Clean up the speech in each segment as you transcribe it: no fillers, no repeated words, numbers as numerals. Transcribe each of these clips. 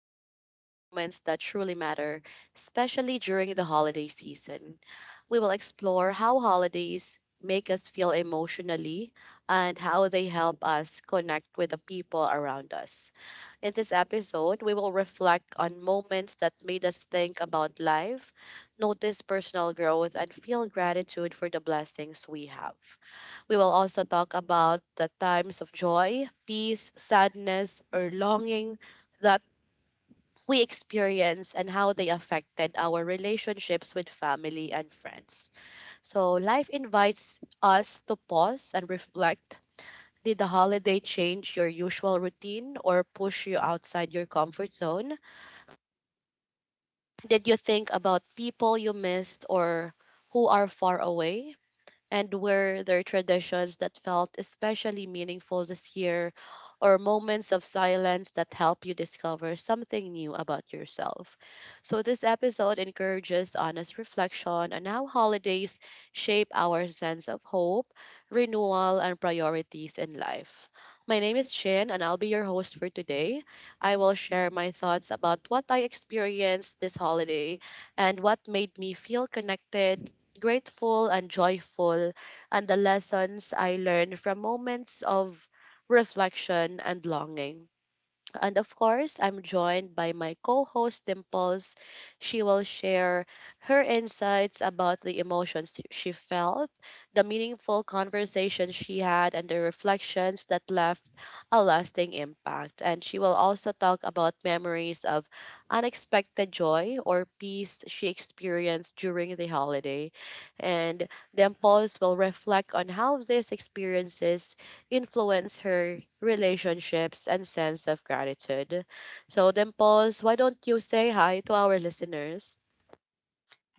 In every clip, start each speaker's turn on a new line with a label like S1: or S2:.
S1: life and the moments that truly matter, especially during the holiday season. We will explore how holidays make us feel emotionally and how they help us connect with the people around us. In this episode, we will reflect on moments that made us think about life, notice personal growth, and feel gratitude for the blessings we have. We will also talk about the times of joy, peace, sadness, or longing that we experience and how they affected our relationships with family and friends. So, life invites us to pause and reflect. Did the holiday change your usual routine or push you outside your comfort zone? Did you think about people you missed or who are far away? And were there traditions that felt especially meaningful this year or moments of silence that help you discover something new about yourself? So, this episode encourages honest reflection on how holidays shape our sense of hope, renewal, and priorities in life. My name is Chin, and I'll be your host for today. I will share my thoughts about what I experienced this holiday and what made me feel connected, grateful and joyful, and the lessons I learned from moments of reflection and longing. And of course, I'm joined by my co host Dimples. She will share her insights about the emotions she felt, the meaningful conversations she had, and the reflections that left a lasting impact. And she will also talk about memories of unexpected joy or peace she experienced during the holiday. And Dimples will reflect on how these experiences influence her relationships, and sense of gratitude. So, Dimples, why don't you say hi to our listeners?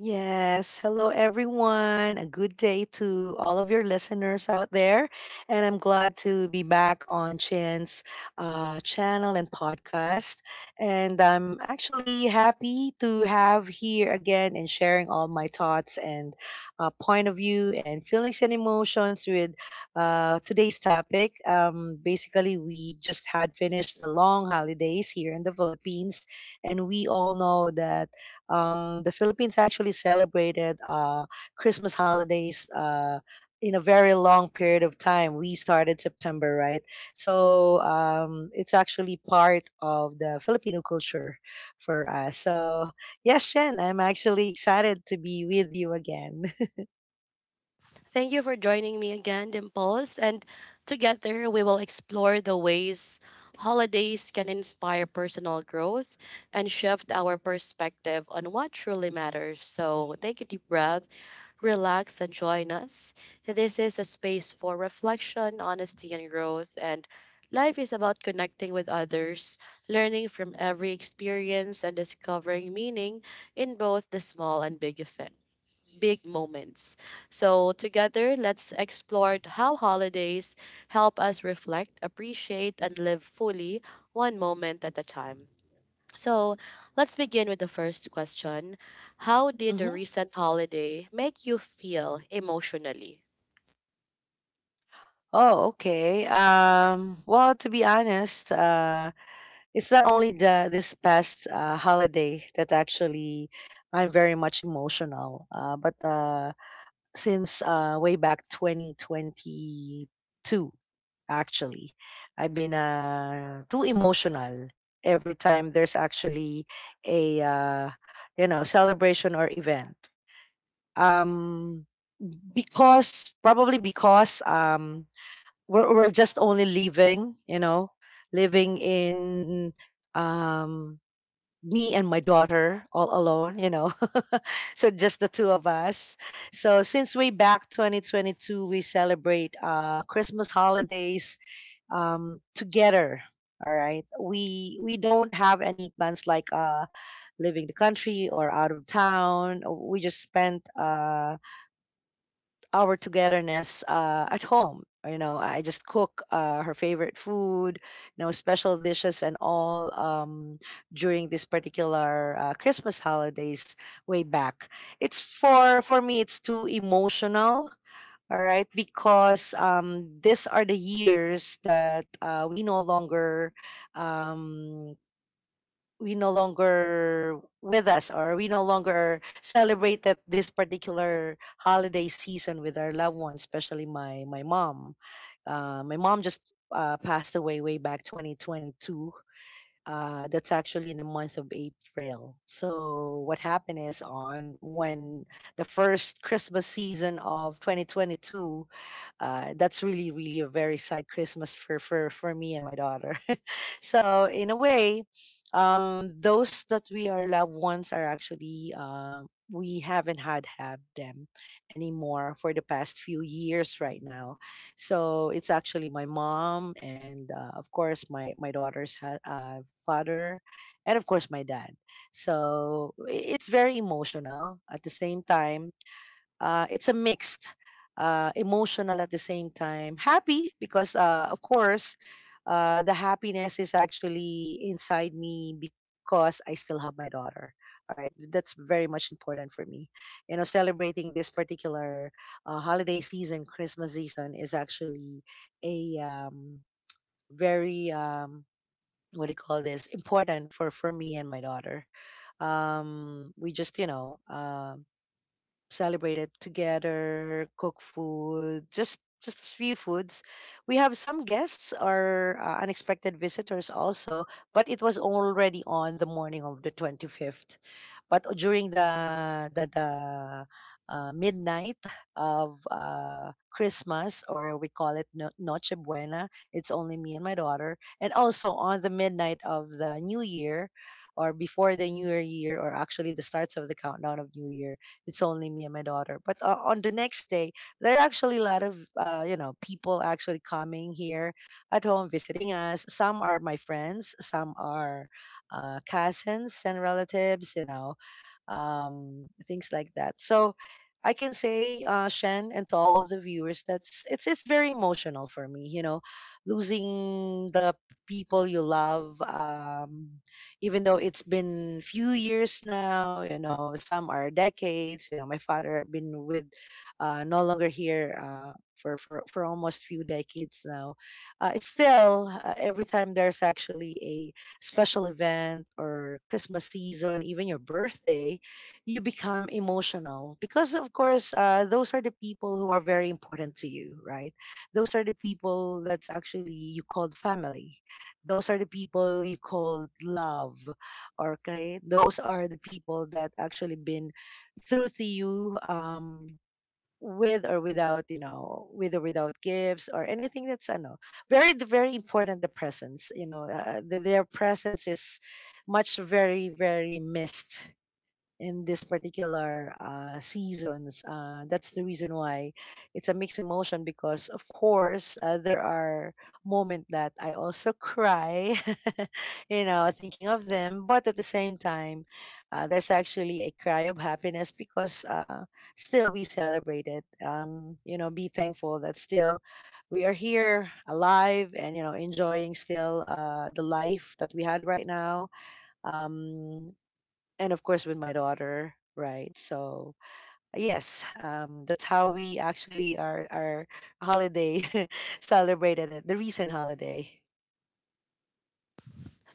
S2: Yes. Hello, everyone. A good day to all of your listeners out there. And I'm glad to be back on Chin's channel and podcast. And I'm actually happy to have here again and sharing all my thoughts and point of view and feelings and emotions with today's topic. Basically, we just had finished the long holidays here in the Philippines. And we all know that the Philippines actually celebrated Christmas holidays in a very long period of time. We started September, right? So it's actually part of the Filipino culture for us. So, yes, Shen, I'm actually excited to be with you again.
S1: Thank you for joining me again, Dimples. And together, we will explore the ways holidays can inspire personal growth and shift our perspective on what truly matters. So, take a deep breath, relax, and join us. This is a space for reflection, honesty, and growth. And life is about connecting with others, learning from every experience, and discovering meaning in both the small and big effect. Big moments. So, together, let's explore how holidays help us reflect, appreciate, and live fully one moment at a time. So let's begin with the first question. How did the
S2: hmm
S1: recent holiday make you feel emotionally?
S2: Oh, okay. Well, to be honest, it's not only the this past holiday that actually I'm very much emotional, but since way back 2022 actually I've been too emotional every time there's actually a you know celebration or event, um, because probably because we're just only living, you know, living in, um, me and my daughter all alone, you know. so just the two of us. So since way back 2022, we celebrate Christmas holidays together. All right. We don't have any plans like leaving the country or out of town. We just spent our togetherness at home. You know, I just cook her favorite food, you know, special dishes and all, during this particular Christmas holidays way back. It's for me, it's too emotional. All right, because these are the years that we no longer, um, we no longer with us, or we no longer celebrated this particular holiday season with our loved ones, especially my mom. My mom just passed away way back 2022. That's actually in the month of April. So what happened is on when the first Christmas season of 2022, that's really, really a very sad Christmas for me and my daughter. so, in a way, those that we are loved ones are actually, we haven't had have them anymore for the past few years right now. So it's actually my mom and, of course, my daughter's father and of course my dad. So it's very emotional at the same time. It's a mixed emotional at the same time, happy because of course the happiness is actually inside me because I still have my daughter. All right, that's very much important for me. You know, celebrating this particular holiday season, Christmas season, is actually a very, what do you call this, important for me and my daughter. We just celebrated together, cook food, just a few foods. We have some guests or unexpected visitors also, but it was already on the morning of the 25th. But during the midnight of Christmas, or we call it Noche Buena, it's only me and my daughter. And also on the midnight of the New Year, or before the New Year, or actually the starts of the countdown of New Year, it's only me and my daughter. But on the next day, there are actually a lot of people actually coming here at home visiting us. Some are my friends, some are cousins and relatives. You know, things like that. So I can say, Shen, and to all of the viewers, that's, it's very emotional for me. You know, losing the people you love, even though it's been few years now. You know, some are decades. You know, my father been with, no longer here. For almost few decades now, still every time there's actually a special event or Christmas season, even your birthday, you become emotional because of course those are the people who are very important to you, right? Those are the people that's actually you called family, those are the people you called love. Okay, those are the people that actually been through to you, with or without, you know, with or without gifts or anything, that's I know very very important, the presence. You know, their presence is much very very missed in this particular seasons. That's the reason why it's a mixed emotion because, of course, there are moments that I also cry, you know, thinking of them. But at the same time, there's actually a cry of happiness because, still we celebrate it. You know, be thankful that still we are here alive and, you know, enjoying still the life that we had right now, um, and of course with my daughter, right? So yes, that's how we actually our holiday celebrated it, the recent holiday.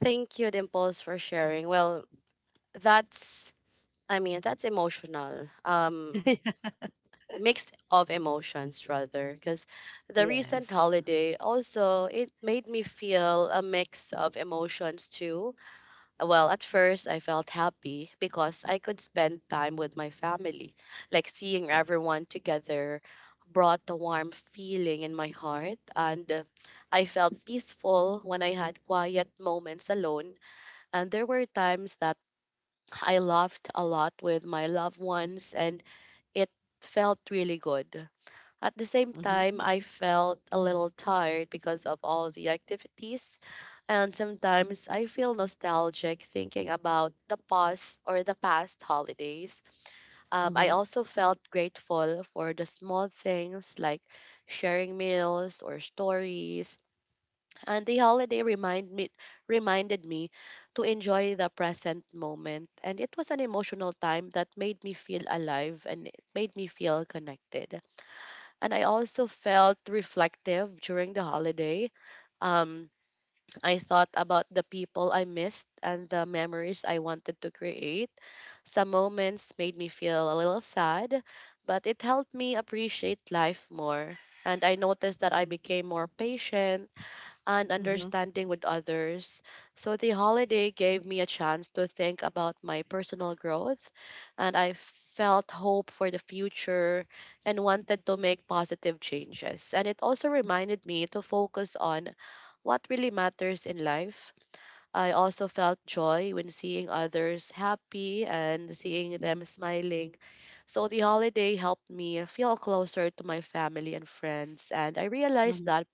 S1: Thank you, Dimples, for sharing. Well, that's, I mean, that's emotional. Mixed of emotions rather because the recent
S2: yes
S1: holiday also it made me feel a mix of emotions too. Well, at first, I felt happy because I could spend time with my family. Like seeing
S2: sure.
S1: everyone together brought a warm feeling in my heart, and I felt peaceful when I had quiet moments alone. And there were times that I laughed a lot with my loved ones, and it felt really good. At the same
S2: hmm
S1: time, I felt a little tired because of all the activities, and sometimes I feel nostalgic thinking about the past or the past holidays. I
S2: hmm
S1: also felt grateful for the small things like sharing meals or stories, and the holiday reminded me to enjoy the present moment, and it was an emotional time that made me feel alive and it made me feel connected and I also felt reflective during the holiday. Um, I thought about the people I missed and the memories I wanted to create. Some moments made me feel a little sad, but it helped me appreciate life more. And I noticed that I became more patient and
S2: hmm
S1: understanding with others. So the holiday gave me a chance to think about my personal growth, and I felt hope for the future and wanted to make positive changes. And it also reminded me to focus on what really matters in life. I also felt joy when seeing others happy and seeing them smiling. So the holiday helped me feel closer to my family and friends, and I realized
S2: hmm
S1: that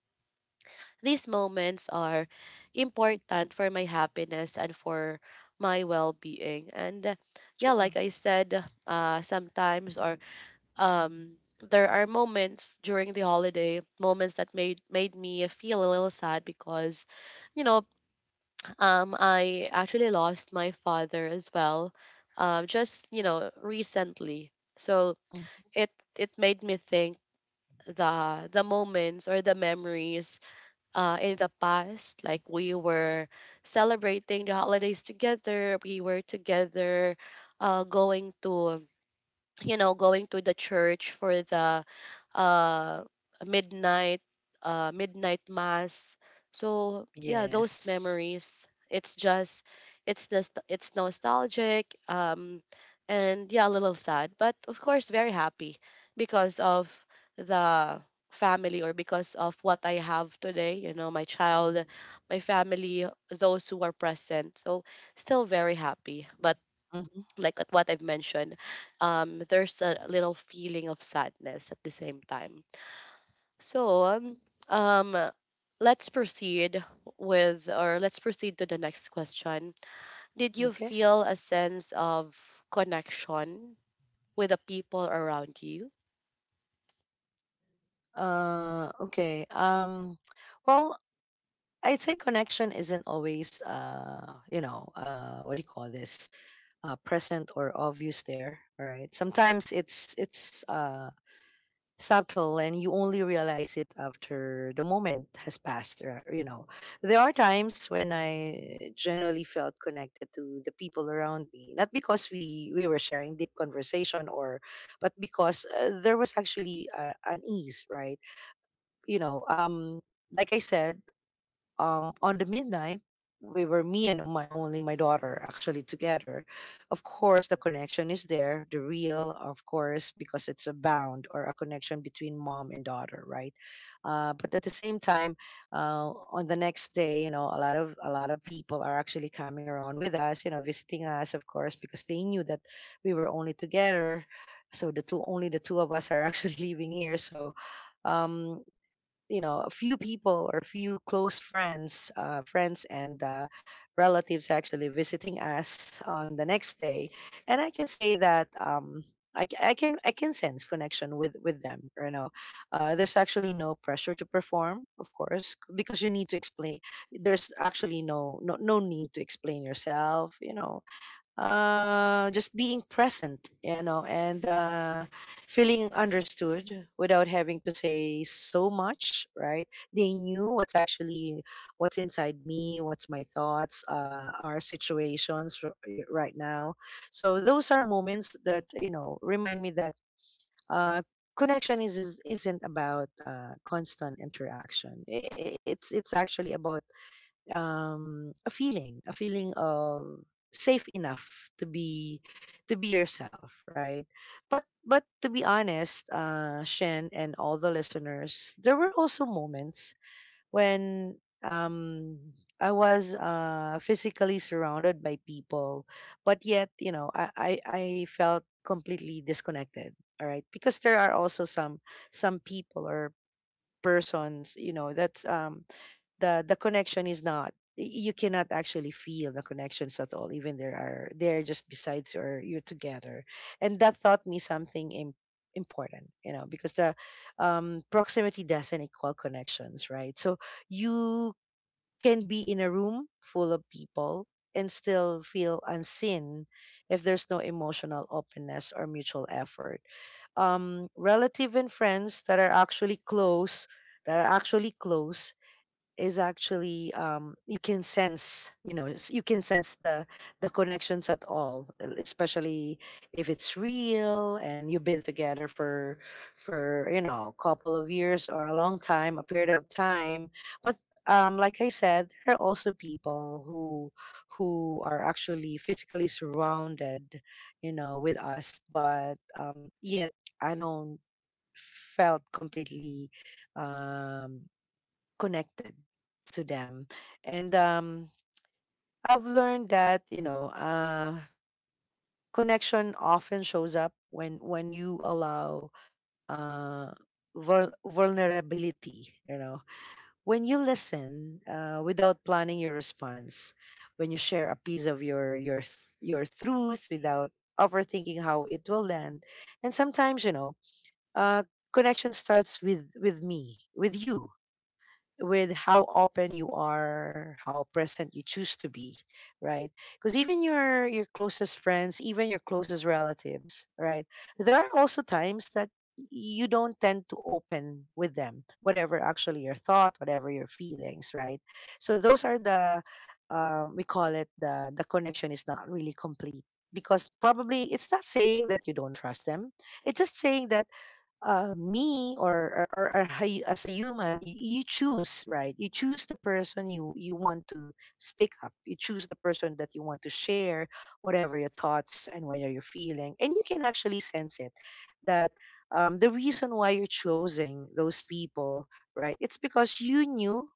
S1: these moments are important for my happiness and for my well-being. And yeah, like
S2: true
S1: I said, sometimes or there are moments during the holiday, moments that made me feel a little sad because, you know, I actually lost my father as well, just recently. So
S2: Mm.
S1: it it made me think the moments or the memories in the past. Like we were celebrating the holidays together, we were together, uh, going to going to the church for the uh, midnight midnight mass. So yeah, those
S2: yes
S1: memories. It's just it's nostalgic, and yeah, a little sad, but of course very happy because of the family or because of what I have today. My child, my family, those who are present. So still very happy, but
S2: hmm
S1: like what I've mentioned, there's a little feeling of sadness at the same time. So, um, let's proceed with, or let's proceed to the next question. Did you
S2: okay
S1: feel a sense of connection with the people around you?
S2: okay, well, I'd say connection isn't always what do you call this, present or obvious there. All right, sometimes it's subtle, and you only realize it after the moment has passed, or, you know, there are times when I generally felt connected to the people around me, not because we were sharing deep conversation, or but because there was actually an ease, right? you know um like I said, on the midnight we were, me and my only my daughter actually together. Of course the connection is there, the real, of course, because it's a bound or a connection between mom and daughter, right? But at the same time, on the next day, you know, a lot of people are actually coming around with us, you know, visiting us, of course because they knew that we were only together. So the two, only the two of us are actually living here. So, um you know, a few people or a few close friends, friends and relatives actually visiting us on the next day. And I can say that, I can sense connection with them. You know, there's actually no pressure to perform, of course, because you need to explain, there's actually no need to explain yourself, you know. Just being present, you know, and feeling understood without having to say so much, right? They knew what's actually what's inside me, what's my thoughts, our situations right now. So those are moments that, you know, remind me that uh, connection is isn't about constant interaction. It's actually about, a feeling of safe enough to be yourself, right? But to be honest, Shen and all the listeners, there were also moments when, I was physically surrounded by people, but yet, you know, I felt completely disconnected. All right, because there are also some people or persons, you know, that's, the connection is not, you cannot actually feel the connections at all, even there are, they're just besides you or you're together. And that taught me something important, you know, because the, proximity doesn't equal connections, right? So you can be in a room full of people and still feel unseen if there's no emotional openness or mutual effort. Relative and friends that are actually close, that are actually close is actually, you can sense, you know, you can sense the connections at all, especially if it's real and you've been together for you know a couple of years or a long time, a period of time. But, like I said, there are also people who are actually physically surrounded, you know, with us, but yet I don't felt completely, um connected to them. And, I've learned that, you know, connection often shows up when you allow, uh, vulnerability. You know, when you listen without planning your response, when you share a piece of your truth without overthinking how it will land, and sometimes, you know, uh, connection starts with me with you, with how open you are, how present you choose to be, right? Because even your closest friends, even your closest relatives, right? There are also times that you don't tend to open with them, whatever actually your thought, whatever your feelings, right? So those are the, we call it, the connection is not really complete because probably it's not saying that you don't trust them. It's just saying that, me or a hu- as a human, you choose, right? You choose the person you want to speak up. You choose the person that you want to share whatever your thoughts and what you're feeling, and you can actually sense it that the reason why you're choosing those people, right? It's because you knew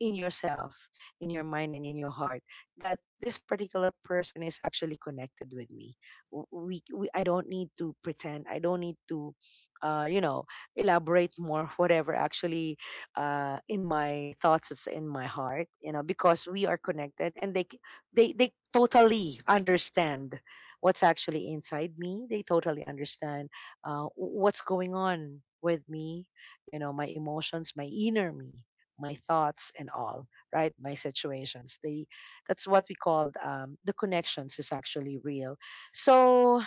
S2: in yourself, in your mind, and in your heart that this particular person is actually connected with me. We I don't need to pretend. I don't need to uh, you know, elaborate more whatever actually in my thoughts, it's in my heart, you know, because we are connected, and they totally understand what's actually inside me. They totally understand what's going on with me, you know, my emotions, my inner me, my thoughts, and all right, my situations, they, that's what we called, the connections is actually real. So,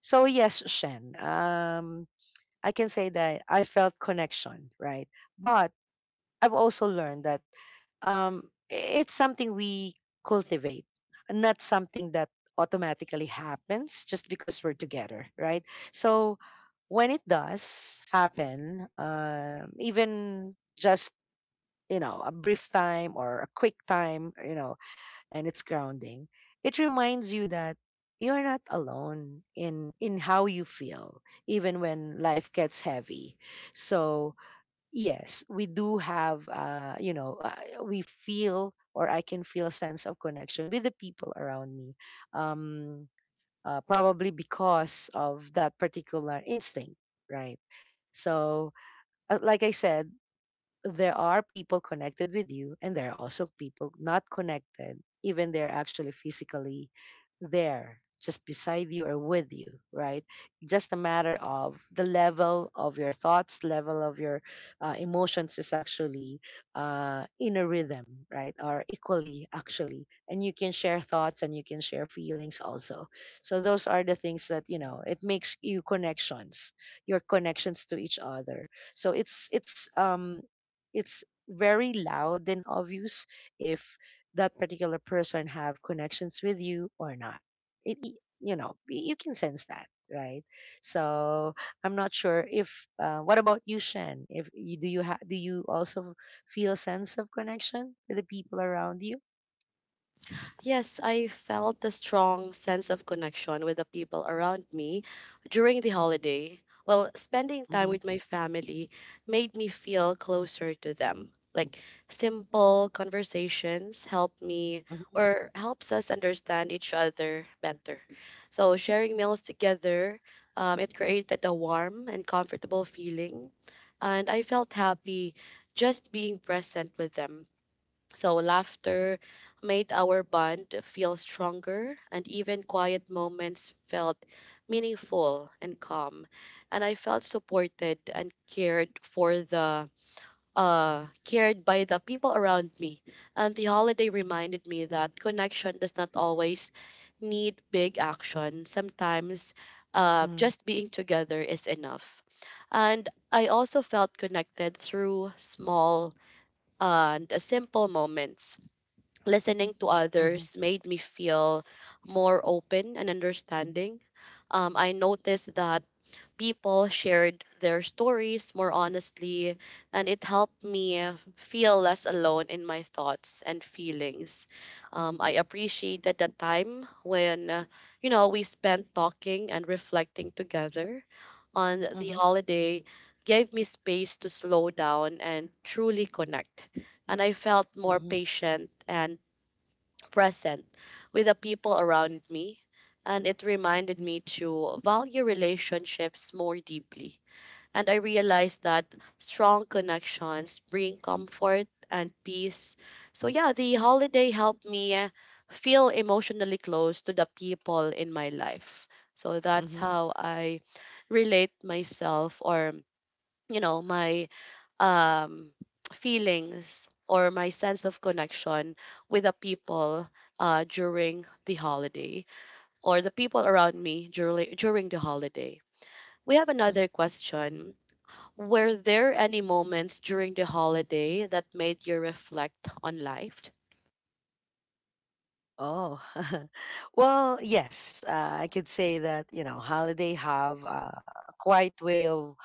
S2: so yes, Shen, I can say that I felt connection, right? But I've also learned that it's something we cultivate, not something that automatically happens just because we're together, right? So when it does happen, even just, you know, a brief time or a quick time, you know, and it's grounding. It reminds you that you're not alone in how you feel, even when life gets heavy. So, yes, we do have you know, we feel, or I can feel a sense of connection with the people around me. Um Probably because of that particular instinct, right? So, like I said, there are people connected with you, and there are also people not connected, even they're actually physically there just beside you or with you, right? Just a matter of the level of your thoughts, level of your emotions is actually in a rhythm, right? Or equally actually, and you can share thoughts and you can share feelings also. So those are the things that, you know, it makes you connections, your connections to each other. So it's it's very loud and obvious if that particular person have connections with you or not. You know, you can sense that, right? So I'm not sure if what about you, Shen? If you do, you have, do you also feel sense of connection with the people around you?
S1: Yes, I felt a strong sense of connection with the people around me during the holiday. Well, spending time
S2: Hmm.
S1: with my family made me feel closer to them. Like simple conversations help me or helps us understand each other better. So sharing meals together, it created a warm and comfortable feeling, and I felt happy just being present with them. So laughter made our bond feel stronger, and even quiet moments felt meaningful and calm. And I felt supported and cared by the people around me. And the holiday reminded me that connection does not always need big action. Sometimes
S2: Mm,
S1: just being together is enough. And I also felt connected through small and simple moments listening to
S2: mhm,
S1: others made me feel more open and understanding. I noticed that people shared their stories more honestly, and it helped me feel less alone in my thoughts and feelings. I appreciated the time when, we spent talking and reflecting together on the
S2: mhm,
S1: holiday gave me space to slow down and truly connect and I felt more
S2: mhm,
S1: patient and present with the people around me, and it reminded me to value relationships more deeply. And I realized that strong connections bring comfort and peace. So, yeah, the holiday helped me feel emotionally close to the people in my life. So, that's
S2: mhm,
S1: how I relate myself or, my um, feelings or my sense of connection with the people during the holiday or the people around me during the holiday. We have another
S2: mm.
S1: question. Were there any moments during the holiday that made you reflect on life?
S2: Oh, well, yes, I could say that, you know, holiday have a quiet way of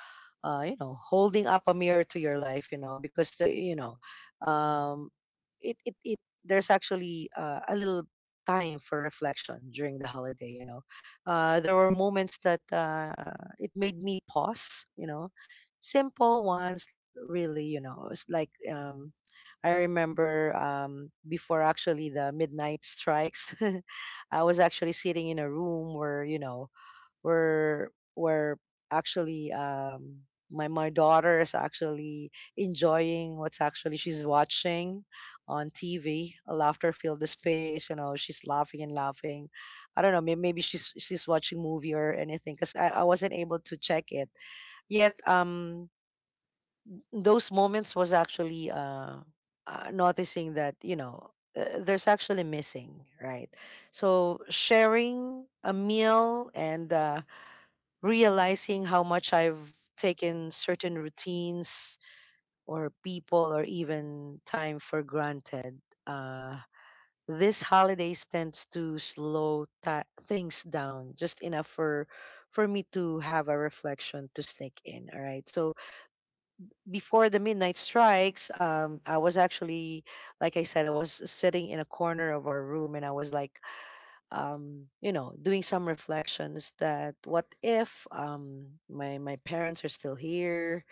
S2: you know, holding up a mirror to your life, you know, because the, you know, um, it there's actually a little time for reflection during the holiday, you know. There were moments that it made me pause, you know, simple ones really, you know. It's like, I remember, before actually the midnight strikes, I was actually sitting in a room where, you know, where actually, my my daughter is actually enjoying what's actually she's watching on TV. Laughter filled the space. You know, she's laughing and laughing. I don't know. Maybe she's watching movie or anything because I wasn't able to check it yet. Those moments was actually noticing that, you know, there's actually missing, right? So sharing a meal and, realizing how much I've taken certain routines or people or even time for granted. Uh, this holidays tends to things down just enough for me to have a reflection to sneak in. All right. So before the midnight strikes, I was actually, like I said, I was sitting in a corner of our room and I was like, you know, doing some reflections that what if, my parents are still here,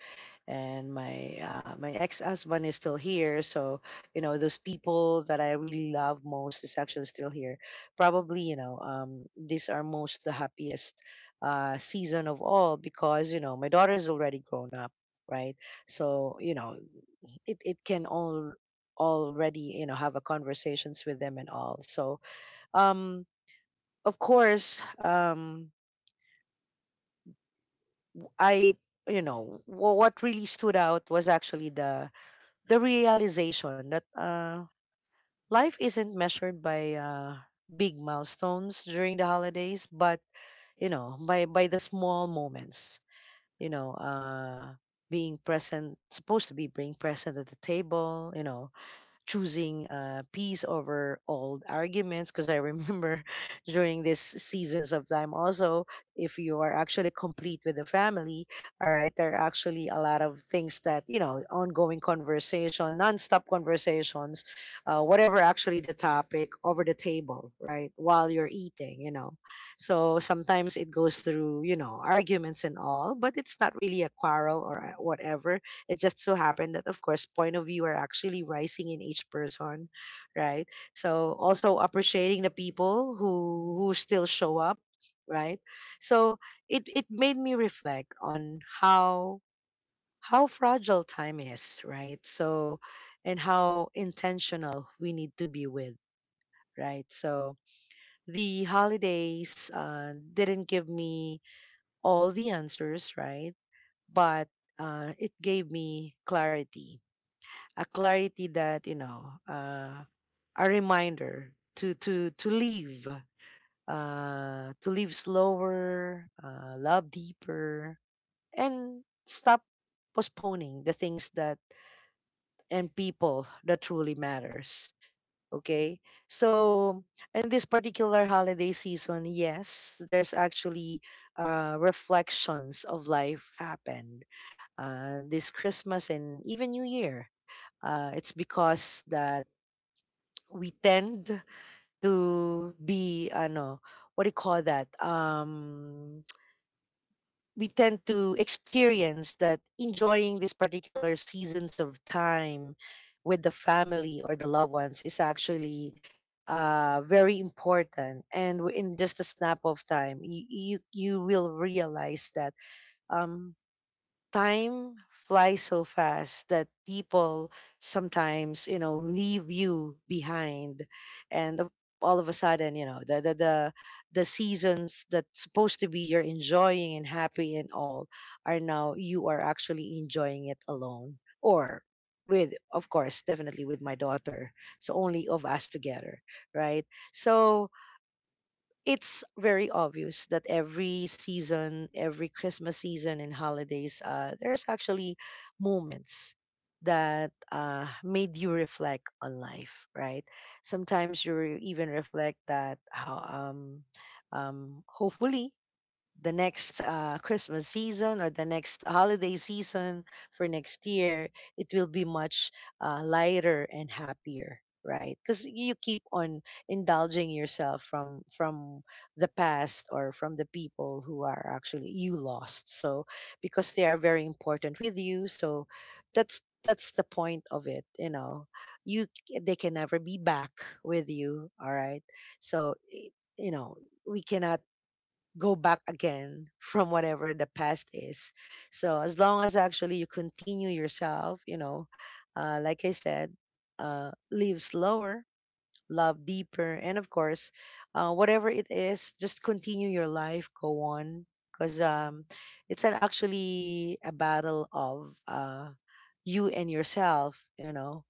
S2: and my ex husband is still here. So, you know, those people that I really love most is actually still here. Probably, you know, these are most the happiest season of all because, you know, my daughter is already grown up, right? So, you know, it can all already, you know, have a conversations with them and all. So, um of course, I, you know, what really stood out was actually the realization that, life isn't measured by, big milestones during the holidays, but, you know, by the small moments. You know, being present, supposed to be being present at the table. You know, choosing, peace over old arguments, because I remember during this seasons of time also, if you are actually complete with the family, all right, there are actually a lot of things that, you know, ongoing conversation, non-stop conversations, whatever actually the topic over the table, right, while you're eating, you know. So sometimes it goes through, you know, arguments and all, but it's not really a quarrel or whatever. It just so happened that, of course, point of view are actually rising in each person, right? So also appreciating the people who still show up, right? So it made me reflect on how fragile time is, right? So, and how intentional we need to be with, right? So the holidays, didn't give me all the answers, right? But, it gave me clarity, a clarity that, you know, a reminder to to live, to live slower, love deeper, and stop postponing the things that and people that truly matters. Okay. So in this particular holiday season, yes, there's actually, reflections of life happened, this Christmas and even new year. It's because that we tend to be ano, what do you call that, we tend to experience that enjoying these particular seasons of time with the family or the loved ones is actually very important. And in just a snap of time, you will realize that, um time flies so fast that people, sometimes, you know, leave you behind. and of- all of a sudden, you know, the seasons that's supposed to be you're enjoying and happy and all are now you are actually enjoying it alone, or with, of course, definitely with my daughter, so only of us together, right? So it's very obvious that every season, every Christmas season and holidays, there's actually moments that, made you reflect on life, right? Sometimes you even reflect that how, hopefully the next, Christmas season or the next holiday season for next year, it will be much, lighter and happier, right? Because you keep on indulging yourself from the past or from the people who are actually you lost. So because they are very important with you, so that's the point of it, you know. They can never be back with you, all right? So you know, we cannot go back again from whatever the past is. So as long as actually you continue yourself, you know, like I said, live slower, love deeper. And of course, whatever it is, just continue your life, go on. Because, it's an actually a battle of, you and yourself, you know.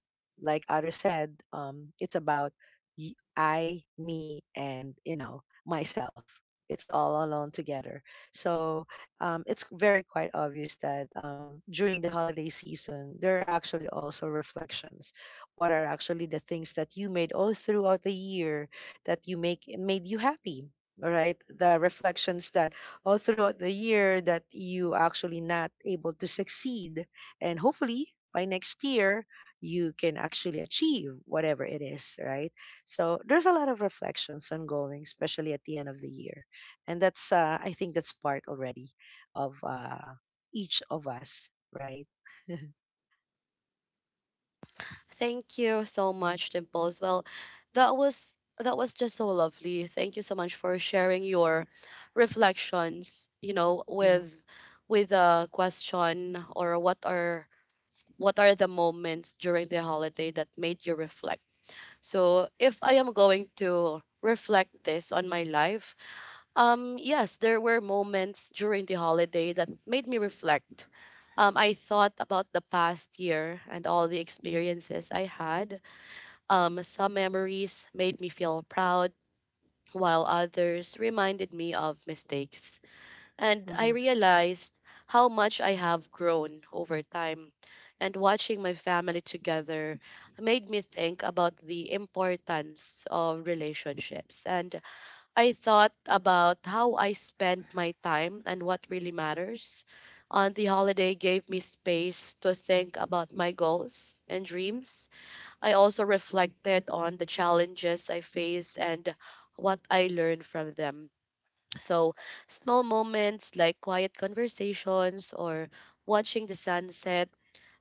S2: Like others said, it's about I, me, and, you know, myself. It's all alone together. So, it's very quite obvious that, during the holiday season, there are actually also reflections, what are actually the things that you made all throughout the year that you make made you happy? All right, the reflections that all throughout the year that you actually not able to succeed, and hopefully by next year you can actually achieve whatever it is, right? So there's a lot of reflections ongoing, especially at the end of the year, and that's, I think that's part already of, each of us, right?
S1: Thank you so much, Dimples. Well, that was just so lovely. Thank you so much for sharing your reflections, with
S2: Hmm.
S1: with a question or what are the moments during the holiday that made you reflect. So, if I am going to reflect this on my life, yes, there were moments during the holiday that made me reflect. I thought about the past year and all the experiences I had. Some memories made me feel proud, while others reminded me of mistakes. And I
S2: Hmm.
S1: realized how much I have grown over time. And watching my family together made me think about the importance of relationships. And I thought about how I spend my time and what really matters. On the holiday gave me space to think about my goals and dreams I also reflected on the challenges I faced and what I learned from them. So, small moments like quiet conversations or watching the sunset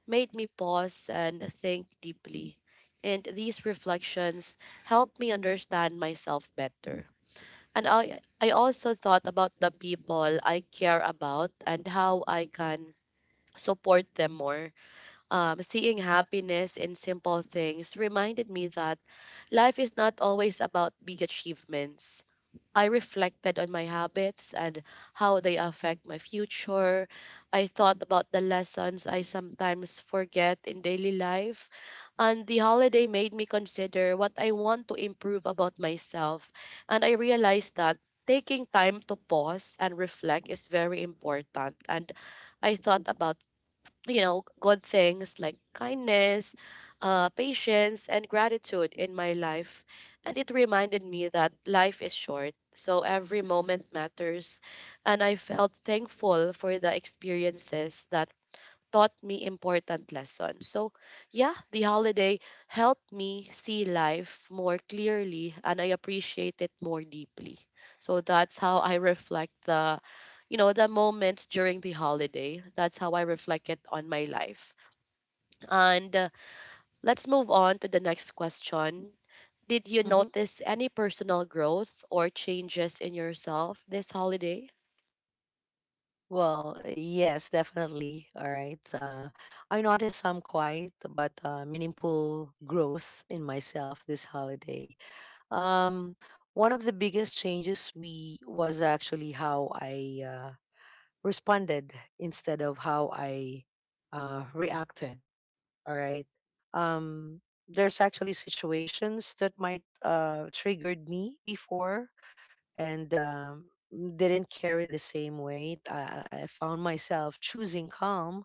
S1: made me pause and think deeply. And these reflections helped me understand myself better. And I also thought about the people I care about and how I can support them more. Seeing happiness in simple things reminded me that life is not always about big achievements. I reflected on my habits and how they affect my future. I thought about the lessons I sometimes forget in daily life. And the holiday made me consider what I want to improve about myself. And I realized that taking time to pause and reflect is very important. And I thought about good things like kindness, patience, and gratitude in my life. And it reminded me that life is short, so every moment matters. And I felt thankful for the experiences that taught me important lessons. So, yeah, the holiday helped me see life more clearly and I appreciate it more deeply. So that's how I reflect the moments during the holiday. That's how I reflect it on my life. And let's move on to the next question. Did you
S2: Hmm.
S1: notice any personal growth or changes in yourself this holiday?
S2: Well, yes, definitely. All right. I noticed some quiet but, meaningful growth in myself this holiday. Um, One of the biggest changes we was actually how I, responded instead of how I, reacted. All right. Um, there's actually situations that might, triggered me before, and, didn't carry the same weight. I found myself choosing calm,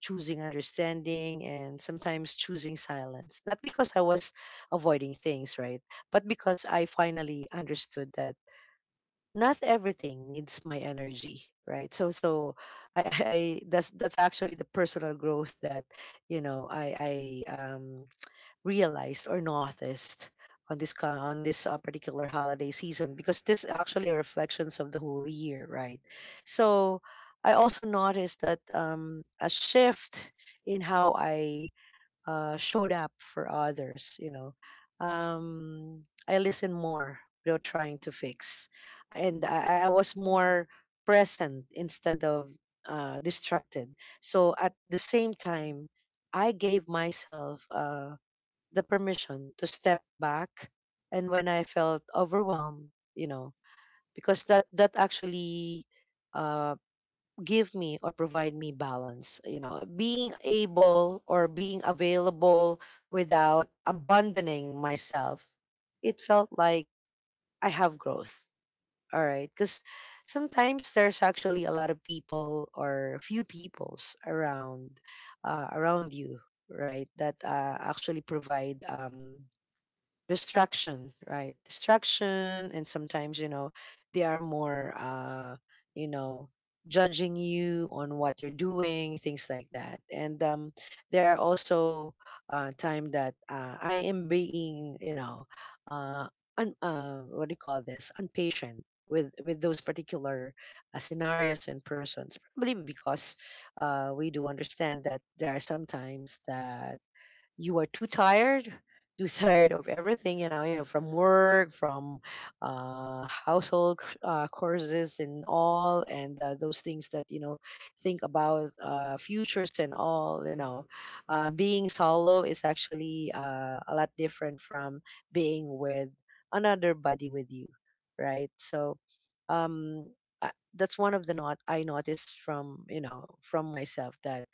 S2: choosing understanding, and sometimes choosing silence. Not because I was avoiding things, right? But because I finally understood that not everything needs my energy, right? So, that's actually the personal growth that you know I realized or noticed on on this particular holiday season, because this actually are reflections of the whole year, right? So I also noticed that a shift in how I showed up for others, you know. I listened more without trying to fix, and I was more present instead of distracted. So at the same time, I gave myself the permission to step back and when I felt overwhelmed, you know, because that actually uh give me or provide me balance, you know, being able or being available without abandoning myself. It felt like I have growth. All right, because sometimes there's actually a lot of people or few peoples around, around you, right, that actually provide distraction, right? Distraction. And sometimes, you know, they are more you know judging you on what you're doing, things like that. And there are also time that I am being, you know, uh, what do you call this, unpatient with those particular scenarios and persons, probably because we do understand that there are some times that you are too tired, too tired of everything, you know, you know, from work, from household courses and all, and those things that you know think about futures and all, you know. Being solo is actually a lot different from being with another buddy with you, right? So um, that's one of the not I noticed from you know from myself that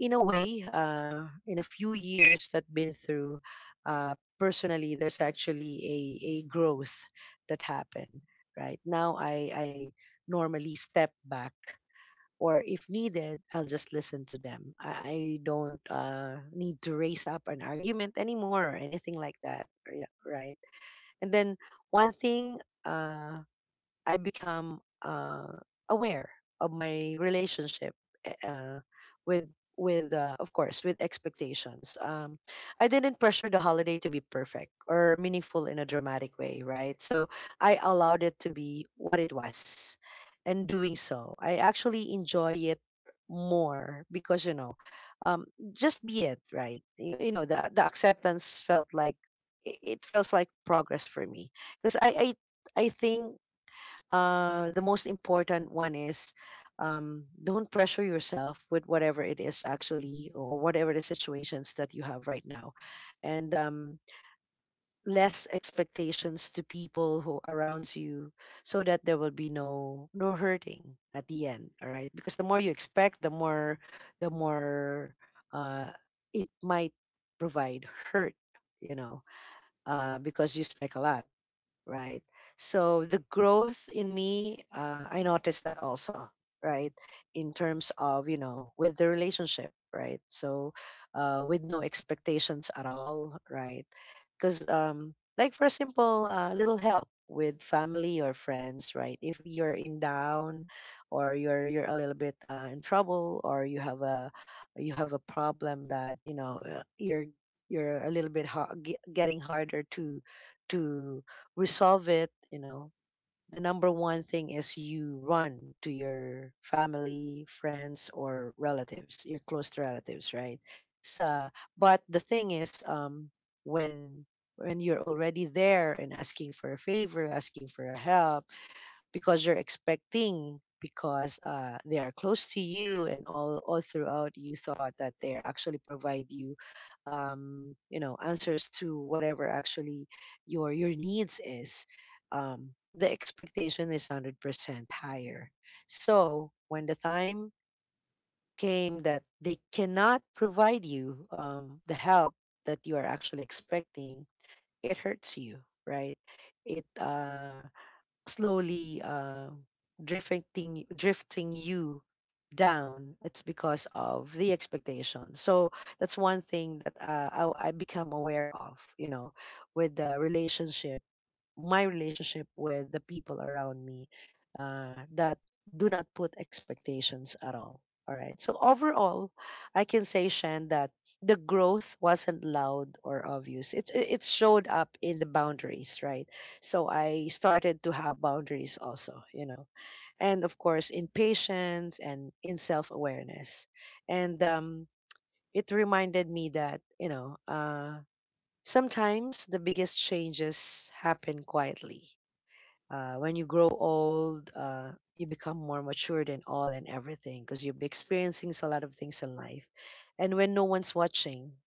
S2: in a way, in a few years that been through, personally, there's actually a growth that happened. Right now, I normally step back, or if needed, I'll just listen to them. I don't need to raise up an argument anymore or anything like that. Or yeah, right. And then one thing, I become aware of my relationship, eh, uh, with with of course, with expectations. I didn't pressure the holiday to be perfect or meaningful in a dramatic way, right? So I allowed it to be what it was, and doing so, I actually enjoy it more because, you know, um, just be it, right? You know, the acceptance felt like it feels like progress for me because I I think the most important one is, don't pressure yourself with whatever it is actually, or whatever the situations that you have right now. And less expectations to people who around you, so that there will be no hurting at the end. All right, because the more you expect, the more uh, it might provide hurt, you know, because you expect a lot, right? So the growth in me, I noticed that also, right? In terms of, you know, with the relationship, right? So, with no expectations at all, right? Because, like, for a simple little help with family or friends, right? If you're in down, or you're a little bit in trouble, or you have a, you have a problem that, you know, you're a little bit getting harder to resolve it, you know, the number one thing is you run to your family, friends, or relatives, your close relatives, right? So, but the thing is, when when you're already there and asking for a favor, asking for a help, because you're expecting, because they are close to you and all throughout you thought that they are actually provide you, you know, answers to whatever actually your needs is. The expectation is 100% higher, so when the time came that they cannot provide you, the help that you are actually expecting, it hurts you, right? It slowly drifting you down. It's because of the expectation. So that's one thing that, I become aware of, you know, with the relationship, my relationship with the people around me, that do not put expectations at all. All right. So overall, I can say, Shan, that the growth wasn't loud or obvious. It showed up in the boundaries, right? So I started to have boundaries also, you know, and of course, in patience and in self awareness. And it reminded me that you know. Sometimes the biggest changes happen quietly, when you grow old, you become more matured and all and everything, because you'll be experiencing a lot of things in life. And when no one's watching,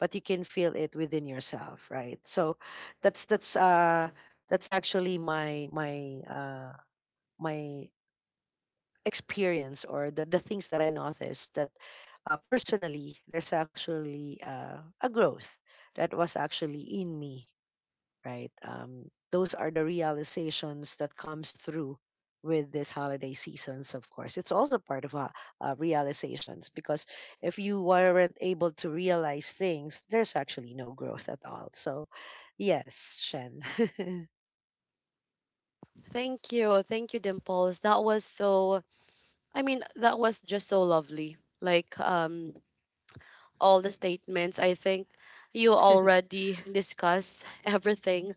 S2: but you can feel it within yourself, right? So that's that's actually my experience, or the things that I noticed, that personally, there's actually a growth that was actually in me, right? Those are the realizations that comes through with this holiday seasons. Of course, it's also part of realizations, because if you weren't able to realize things, there's actually no growth at all. So, yes, Shen.
S1: Thank you. Thank you, Dimples. That was so I mean, that was just so lovely. Like all the statements, I think you already discussed everything,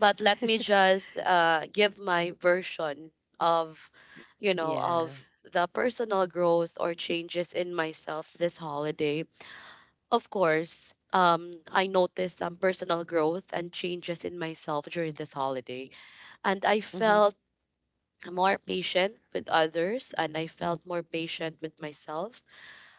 S1: but let me just give my version of of
S2: Yeah.
S1: the personal growth or changes in myself this holiday. Of course, I noticed some personal growth and changes in myself during this holiday, and I
S2: Mhm.
S1: felt more patient with others and I felt more patient with myself.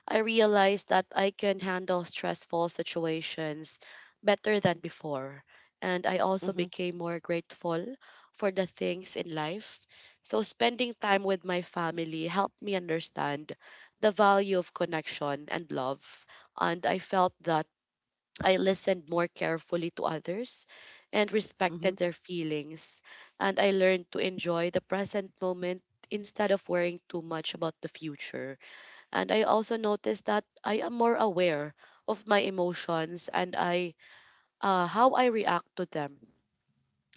S1: I realized that I can handle stressful situations better than before. And I also
S2: Mhm.
S1: became more grateful for the things in life. So, spending time with my family helped me understand the value of connection and love. And I felt that I listened more carefully to others and respected
S2: Mhm.
S1: their feelings. And I learned to enjoy the present moment instead of worrying too much about the future. And I also noticed that I am more aware of my emotions and I how I react to them.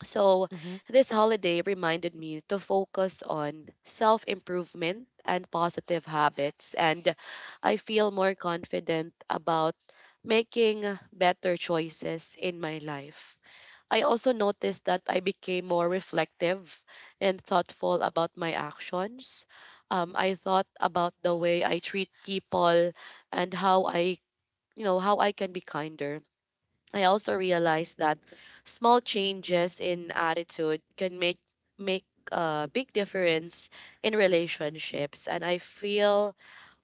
S1: So
S2: Mhm.
S1: this holiday reminded me to focus on self-improvement and positive habits, and I feel more confident about making better choices in my life. I also noticed that I became more reflective and thoughtful about my actions. I thought about the way I treat people and how I, you know, how I can be kinder. I also realized that small changes in attitude can make a big difference in relationships, and I feel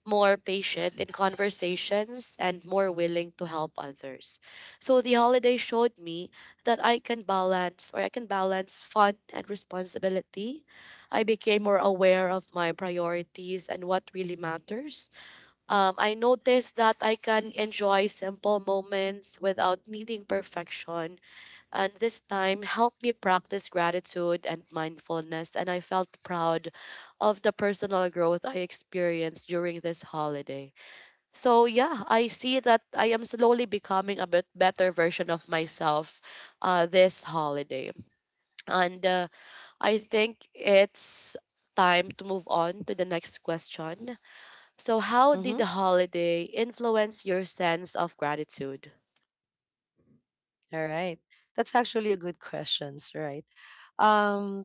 S1: more patient in conversations and more willing to help others. So the holiday showed me that I can balance fun and responsibility. I became more aware of my priorities and what really matters. I noticed that I can enjoy simple moments without needing perfection, and this time helped me practice gratitude and mindfulness. And I felt proud of the personal growth I experienced during this holiday. So, yeah, I see that I am slowly becoming a bit better version of myself this holiday. And I think it's time to move on to the next question. So, how did the
S2: Mhm.
S1: holiday influence your sense of gratitude?
S2: All right. That's actually a good questions, right? Um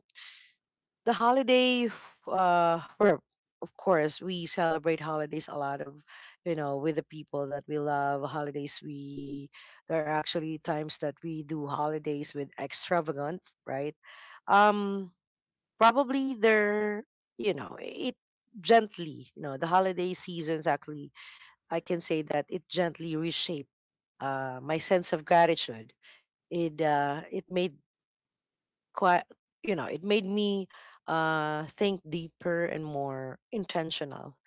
S2: the holiday for, of course, we celebrate holidays a lot of, you know, with the people that we love. Holidays we, there are actually times that we do holidays with extravagant, right? um Probably there, you know, it gently, you know, the holiday seasons actually, I can say that it gently reshaped my sense of gratitude. It it made quite, you know, it made me think deeper and more intentional.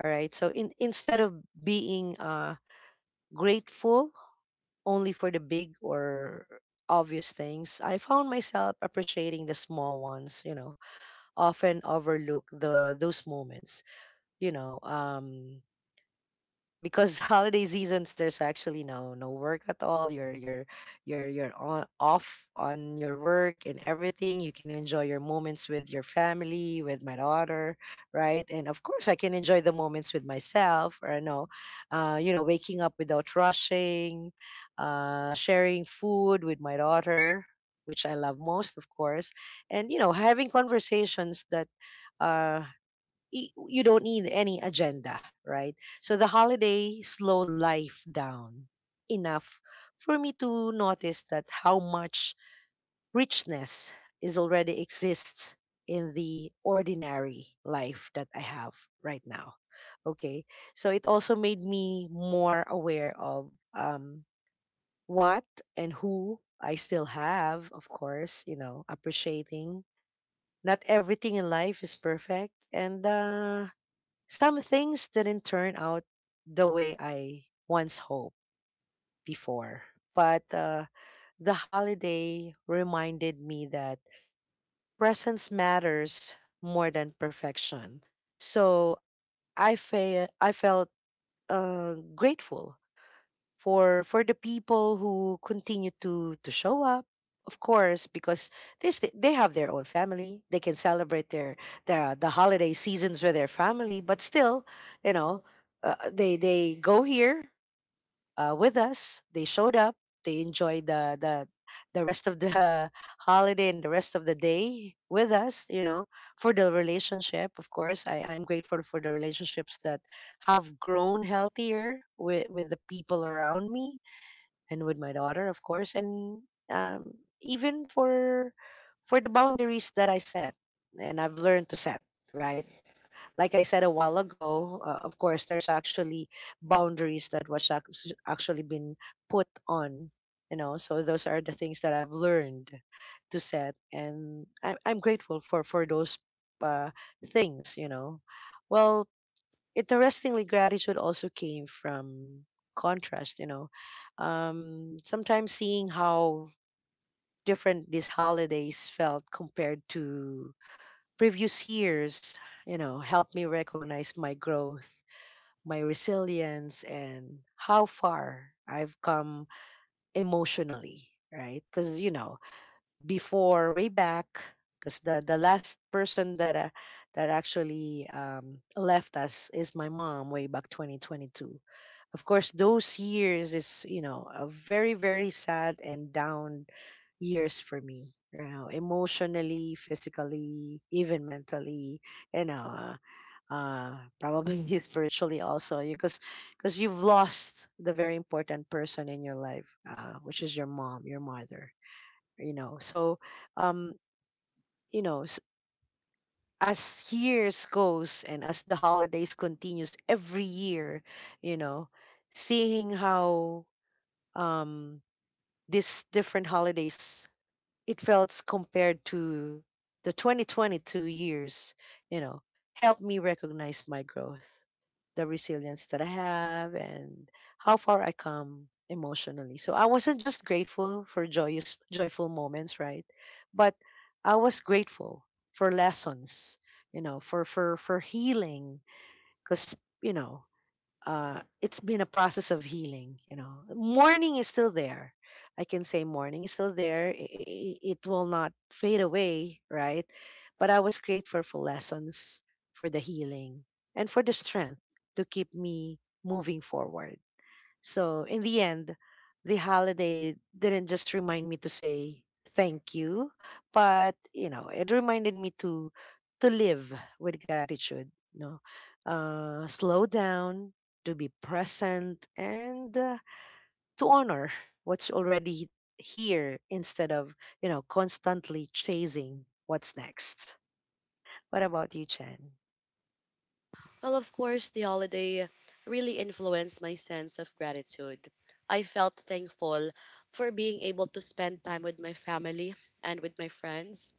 S2: All right, so in instead of being grateful only for the big or obvious things, I found myself appreciating the small ones, you know, often overlook the those moments, you know. Because holiday seasons, there's actually no work at all. You're on off on your work and everything. You can enjoy your moments with your family, with my daughter, right? And of course, I can enjoy the moments with myself or no, you know, waking up without rushing, sharing food with my daughter, which I love most, of course, and you know, having conversations that uh you don't need any agenda, right? So the holiday slowed life down enough for me to notice that how much richness is already exists in the ordinary life that I have right now. Okay. So it also made me more aware of, what and who I still have, of course, you know, appreciating. Not everything in life is perfect. And some things didn't turn out the way I once hoped before, but the holiday reminded me that presence matters more than perfection. So I felt grateful for the people who continue to show up, of course, because they have their own family, they can celebrate their the holiday seasons with their family, but still, you know, they go here, with us, they showed up, they enjoyed the rest of the holiday and the rest of the day with us, you know. For the relationship, of course, I'm grateful for the relationships that have grown healthier with the people around me and with my daughter, of course. And um, even for the boundaries that I set, and I've learned to set. Right, like I said a while ago, of course, there's actually boundaries that was actually been put on. You know, so those are the things that I've learned to set, and I'm grateful for those uh, things. You know, well, interestingly, gratitude also came from contrast, you know. Sometimes seeing how different these holidays felt compared to previous years, you know, helped me recognize my growth, my resilience, and how far I've come emotionally, right? Because, you know, before way back, because the last person that that actually left us is my mom way back 2022. Of course, those years is, you know, a very very sad and down years for me, you know, emotionally, physically, even mentally, you know, probably spiritually also, because you've lost the very important person in your life, which is your mom, your mother, you know. So um you know as years goes, and as the holidays continues every year, you know, seeing how um these different holidays, it felt compared to the 2022 years, you know, helped me recognize my growth, the resilience that I have, and how far I come emotionally. So I wasn't just grateful for joyous, joyful moments, right? But I was grateful for lessons, you know, for healing, because you know, it's been a process of healing. You know, mourning is still there. I can say mourning is still there. It will not fade away, right? But I was grateful for lessons, for the healing, and for the strength to keep me moving forward. So, in the end, the holiday didn't just remind me to say thank you, but you know, it reminded me to live with gratitude, you know, slow down, to be present, and to honor what's already here, instead of you know constantly chasing what's next. What about you, Chen?
S1: Well, of course, the holiday really influenced my sense of gratitude. I felt thankful for being able to spend time with my family and with my friends.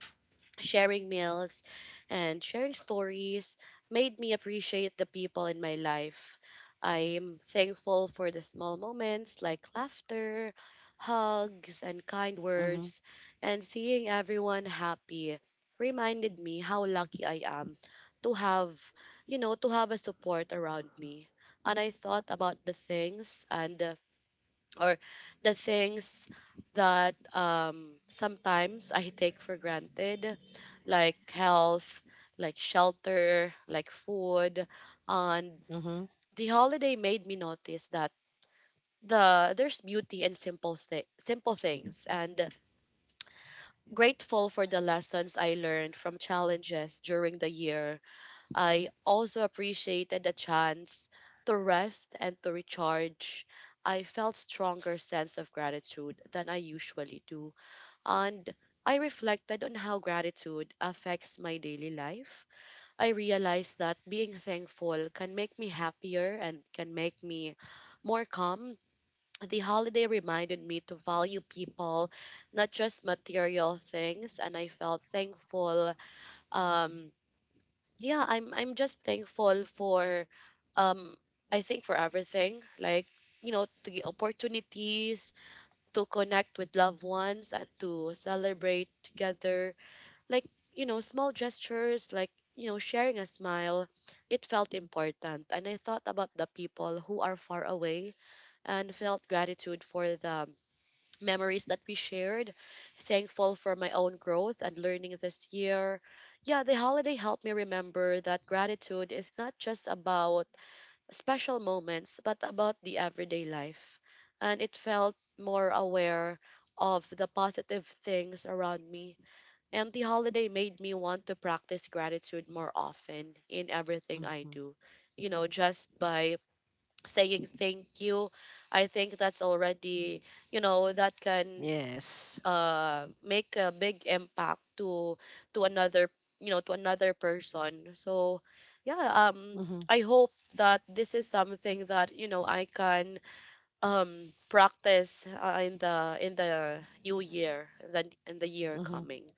S1: Sharing meals and sharing stories made me appreciate the people in my life. I'm thankful for the small moments like laughter, hugs, and kind
S2: Mm-hmm.
S1: words, and seeing everyone happy reminded me how lucky I am to have, you know, to have a support around me. And I thought about or the things that sometimes I take for granted, like health, like shelter, like food. And
S2: Mm-hmm.
S1: the holiday made me notice that there's beauty in simple things, and grateful for the lessons I learned from challenges during the year. I also appreciated the chance to rest and to recharge. I felt stronger sense of gratitude than I usually do. And I reflected on how gratitude affects my daily life. I realized that being thankful can make me happier and can make me more calm. The holiday reminded me to value people, not just material things, and I felt thankful. um, yeah, I'm just thankful for um I think for everything, like, you know, to get opportunities to connect with loved ones and to celebrate together. Like, you know, small gestures like, you know, sharing a smile, it felt important. And I thought about the people who are far away and felt gratitude for the memories that we shared, thankful for my own growth and learning this year. Yeah, the holiday helped me remember that gratitude is not just about special moments, but about the everyday life. And it felt more aware of the positive things around me. And the holiday made me want to practice gratitude more often in everything I
S2: Mm-hmm.
S1: do. You know, just by saying thank you, I think that's already, you know, that can
S2: Yes.
S1: make a big impact to another, you know, to another person. So yeah,
S2: Mm-hmm.
S1: I hope that this is something that, you know, I can practice in the new year, in the year
S2: Mm-hmm.
S1: coming.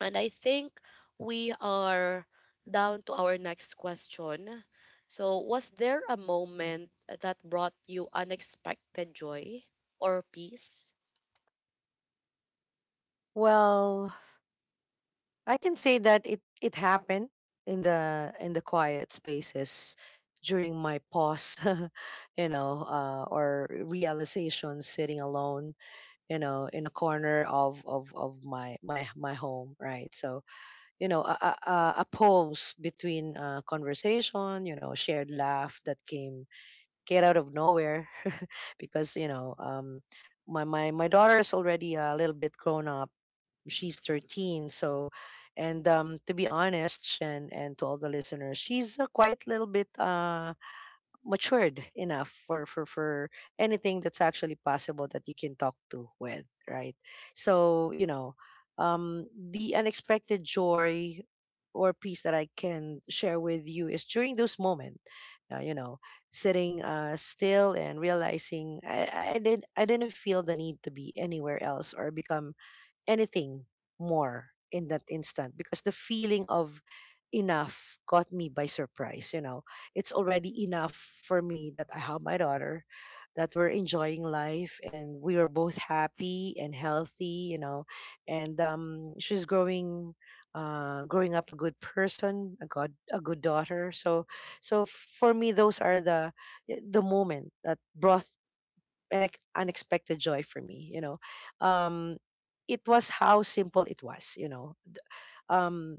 S1: And I think we are down to our next question. So, was there a moment that brought you unexpected joy or peace?
S2: Well, I can say that it happened in the quiet spaces during my pause, you know, or realization sitting alone, you know, in a corner of my, my home, right? So you know, a pause between conversation, you know, shared laugh that came out of nowhere, because you know, my my daughter is already a little bit grown up. She's 13. So and to be honest, Shen, and to all the listeners, she's quite a little bit matured enough for anything that's actually possible that you can talk to with, right? So you know, um the unexpected joy or peace that I can share with you is during those moments, you know, sitting still and realizing I didn't feel the need to be anywhere else or become anything more in that instant, because the feeling of enough caught me by surprise, you know. It's already enough for me that I have my daughter, that we're enjoying life and we are both happy and healthy, you know. And she's growing, growing up a good person, a good daughter. So so for me, those are the moment that brought an unexpected joy for me, you know. um it was how simple it was, you know. um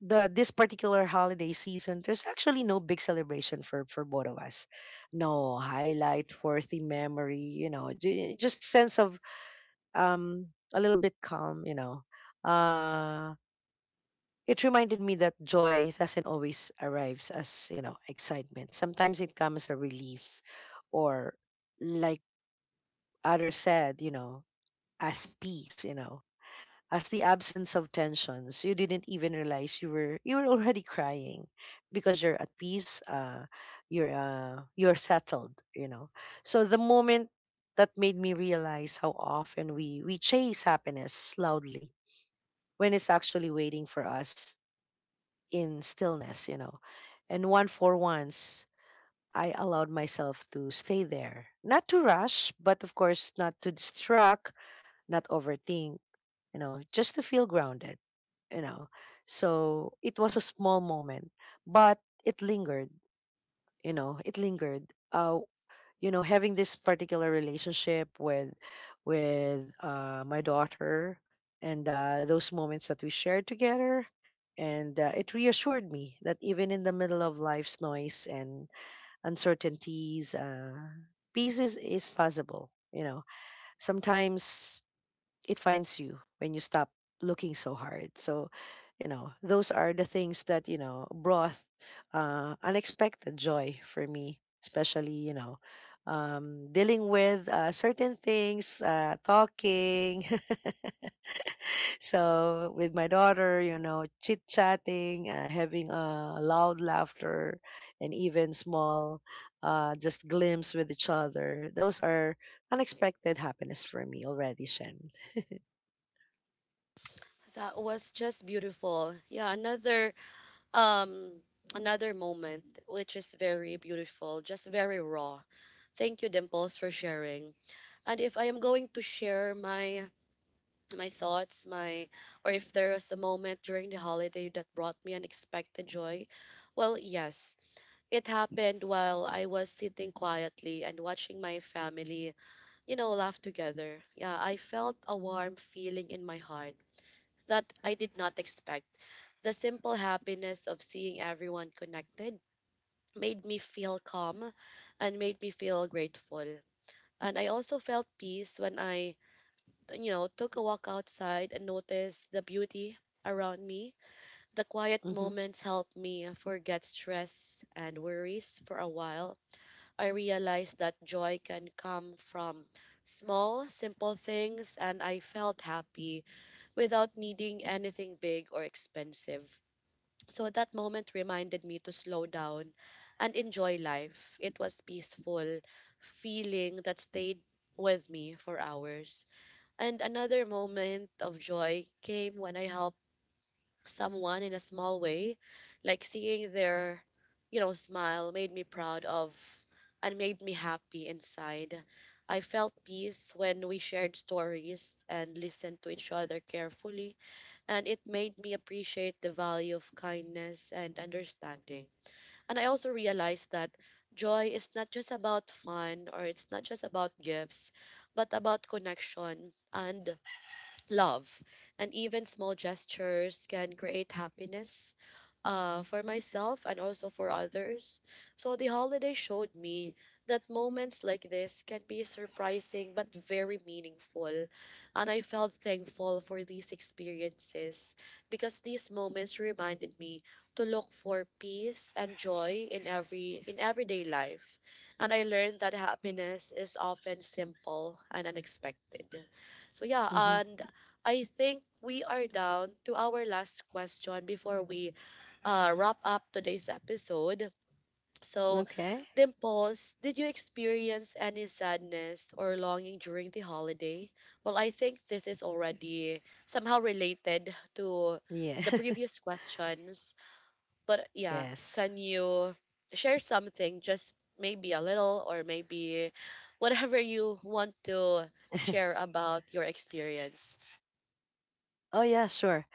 S2: the this particular holiday season, there's actually no big celebration for both of us, no highlight worthy memory, you know, just sense of, a little bit calm, you know. uh it reminded me that joy doesn't always arrives as, you know, excitement. Sometimes it comes as a relief, or like others said, you know, as peace, you know, as the absence of tensions. You didn't even realize you were already crying because you're at peace, you're settled, you know. So the moment that made me realize how often we chase happiness loudly when it's actually waiting for us in stillness, you know. And one for once, I allowed myself to stay there. Not to rush, but of course not to distract, not overthink, you know, just to feel grounded, you know. So it was a small moment, but it lingered, you know, it lingered. You know, having this particular relationship with my daughter, and those moments that we shared together. And it reassured me that even in the middle of life's noise and uncertainties, peace is possible. You know, sometimes it finds you when you stop looking so hard. So, you know, those are the things that, you know, brought unexpected joy for me, especially, you know, dealing with certain things, talking. So, with my daughter, you know, chit chatting, having loud laughter, and even small, just glimpse with each other. Those are unexpected happiness for me already, Shen it.
S1: That was just beautiful. Yeah, another um another moment which is very beautiful, just very raw. Thank you, Dimples, for sharing. And if I am going to share my thoughts, my or if there was a moment during the holiday that brought me unexpected joy, well, yes, it happened while I was sitting quietly and watching my family, you know, laugh together. Yeah, I felt a warm feeling in my heart that I did not expect. The simple happiness of seeing everyone connected made me feel calm and made me feel grateful. And I also felt peace when I, you know, took a walk outside and noticed the beauty around me. The quiet
S2: Mm-hmm.
S1: moments helped me forget stress and worries for a while. I realized that joy can come from small, simple things, and I felt happy without needing anything big or expensive. So that moment reminded me to slow down and enjoy life. It was peaceful, feeling that stayed with me for hours. And another moment of joy came when I helped someone in a small way, like seeing their, you know, smile made me proud of and made me happy inside. I felt peace when we shared stories and listened to each other carefully, and it made me appreciate the value of kindness and understanding. And I also realized that joy is not just about fun or it's not just about gifts, but about connection and love, and even small gestures can create happiness for myself and also for others. So the holiday showed me that moments like this can be surprising but very meaningful. And I felt thankful for these experiences because these moments reminded me to look for peace and joy in every in everyday life. And I learned that happiness is often simple and unexpected. So yeah,
S2: Mm-hmm.
S1: and I think we are down to our last question before we wrap up today's episode. So,
S2: Okay.
S1: Dimples, did you experience any sadness or longing during the holiday? Well, I think this is already somehow related to
S2: Yeah.
S1: the previous questions. But yeah,
S2: Yes.
S1: can you share something, just maybe a little, or maybe whatever you want to share about your experience?
S2: Oh yeah, sure.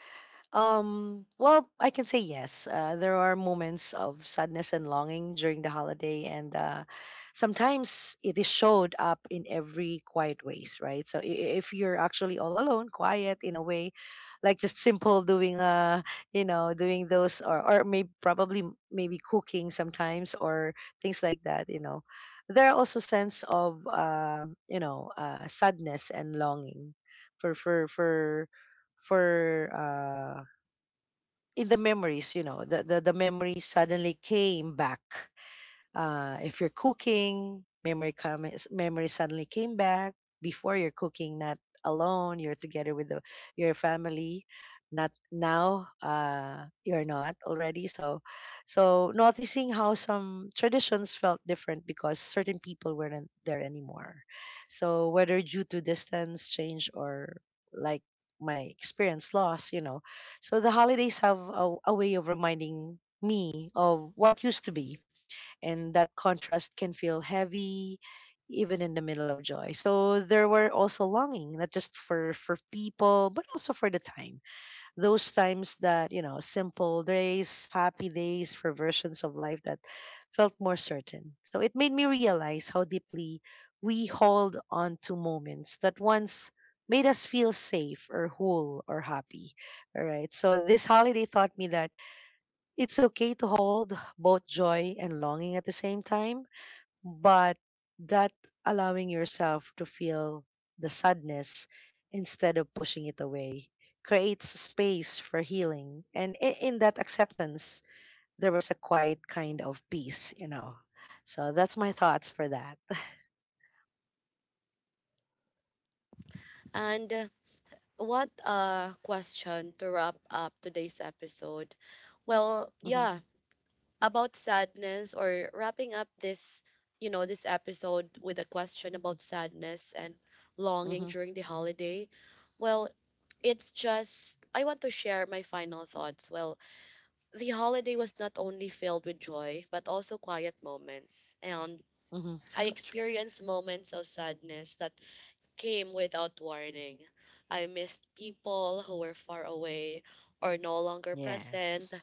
S2: Well, I can say yes. There are moments of sadness and longing during the holiday, and sometimes it is showed up in every quiet ways, right? So if you're actually all alone, quiet in a way, like just simple doing, you know, doing those, or maybe probably maybe cooking sometimes or things like that, you know, there are also sense of, you know, sadness and longing for for for for in the memories, you know, the, the memories suddenly came back. If you're cooking, memory comes, memory suddenly came back. Before you're cooking, not alone, you're together with the, your family. Not now, you're not already. So so noticing how some traditions felt different because certain people weren't there anymore. So whether due to distance, change, or like my experience loss, you know, so the holidays have a way of reminding me of what used to be, and that contrast can feel heavy even in the middle of joy. So there were also longing, not just for people, but also for the time, those times that, you know, simple days, happy days, for versions of life that felt more certain. So it made me realize how deeply we hold on to moments that once made us feel safe or whole or happy. All right, so this holiday taught me that it's okay to hold both joy and longing at the same time, but that allowing yourself to feel the sadness instead of pushing it away creates space for healing. And in that acceptance, there was a quiet kind of peace, you know. So that's my thoughts for that.
S1: And what a question to wrap up today's episode. Well,
S2: Hmm.
S1: yeah, about sadness, or wrapping up this, you know, this episode with a question about sadness and longing
S2: Hmm.
S1: during the holiday. Well, it's just I want to share my final thoughts. Well, the holiday was not only filled with joy but also quiet moments, and
S2: Hmm.
S1: I experienced moments of sadness that came without warning. I missed people who were far away or no longer present.
S2: Yes.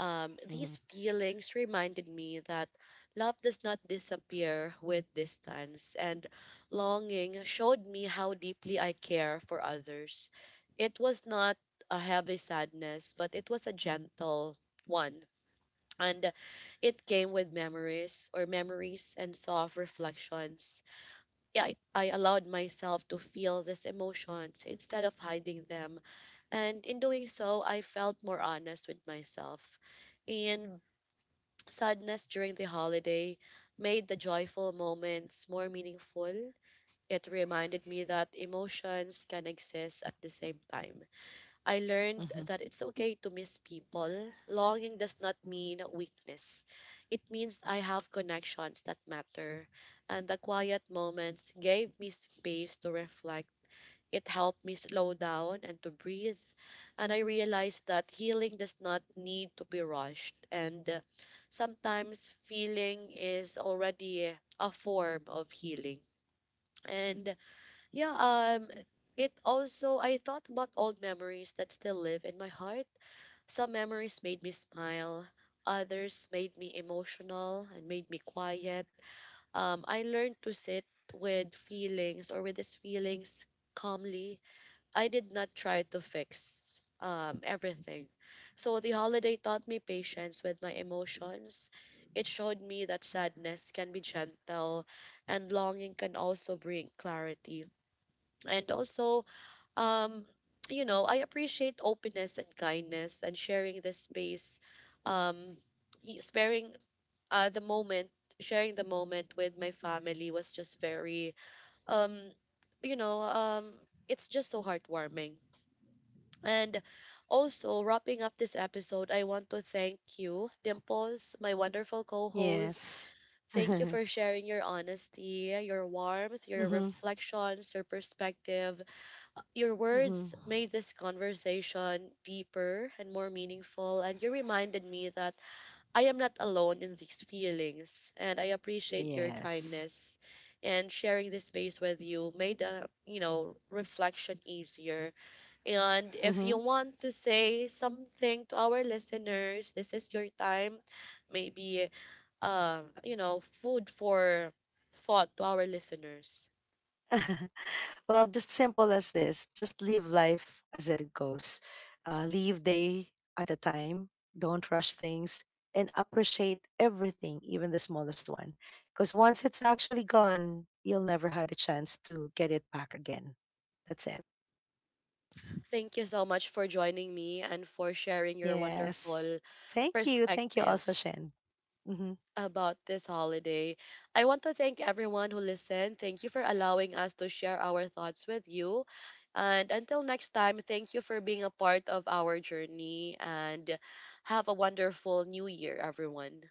S2: Hmm.
S1: These feelings reminded me that love does not disappear with distance, and longing showed me how deeply I care for others. It was not a heavy sadness, but it was a gentle one. And it came with memories and soft reflections. Yeah, I allowed myself to feel these emotions instead of hiding them. And in doing so, I felt more honest with myself. And Mm. Sadness during the holiday made the joyful moments more meaningful. It reminded me that emotions can exist at the same time. I learned
S2: Hmm.
S1: that it's okay to miss people. Longing does not mean weakness. It means I have connections that matter. And the quiet moments gave me space to reflect. It helped me slow down and to breathe. And I realized that healing does not need to be rushed. And sometimes feeling is already a form of healing. And yeah, it also, I thought about old memories that still live in my heart. Some memories made me smile, others made me emotional and made me quiet. I learned to sit with these feelings calmly. I did not try to fix everything. So the holiday taught me patience with my emotions. It showed me that sadness can be gentle and longing can also bring clarity. And also, um, you know, I appreciate openness and kindness and sharing this space, um, sparing uh, the moment, sharing the moment with my family was just very, um, you know, it's just so heartwarming. And also, wrapping up this episode, I want to thank you, Dimples, my wonderful co host.
S2: Yes.
S1: Thank you for sharing your honesty, your warmth, your
S2: Hmm.
S1: reflections, your perspective. Your
S2: Hmm.
S1: words made this conversation deeper and more meaningful, and you reminded me that I am not alone in these feelings. And I appreciate your
S2: Yes.
S1: kindness. And sharing this space with you made a, you know, reflection easier. And if
S2: Hmm.
S1: you want to say something to our listeners, this is your time. Maybe you know, food for thought to our listeners.
S2: Well, just simple as this. Just live life as it goes. Live day at a time. Don't rush things and appreciate everything, even the smallest one. Because once it's actually gone, you'll never had a chance to get it back again. That's it.
S1: Thank you so much for joining me and for sharing your
S2: Yes.
S1: wonderful
S2: Thank you. Thank you also,
S1: perspective
S2: Shen. Mhm.
S1: about this holiday. I want to thank everyone who listened. Thank you for allowing us to share our thoughts with you. And until next time, thank you for being a part of our journey and have a wonderful new year, everyone.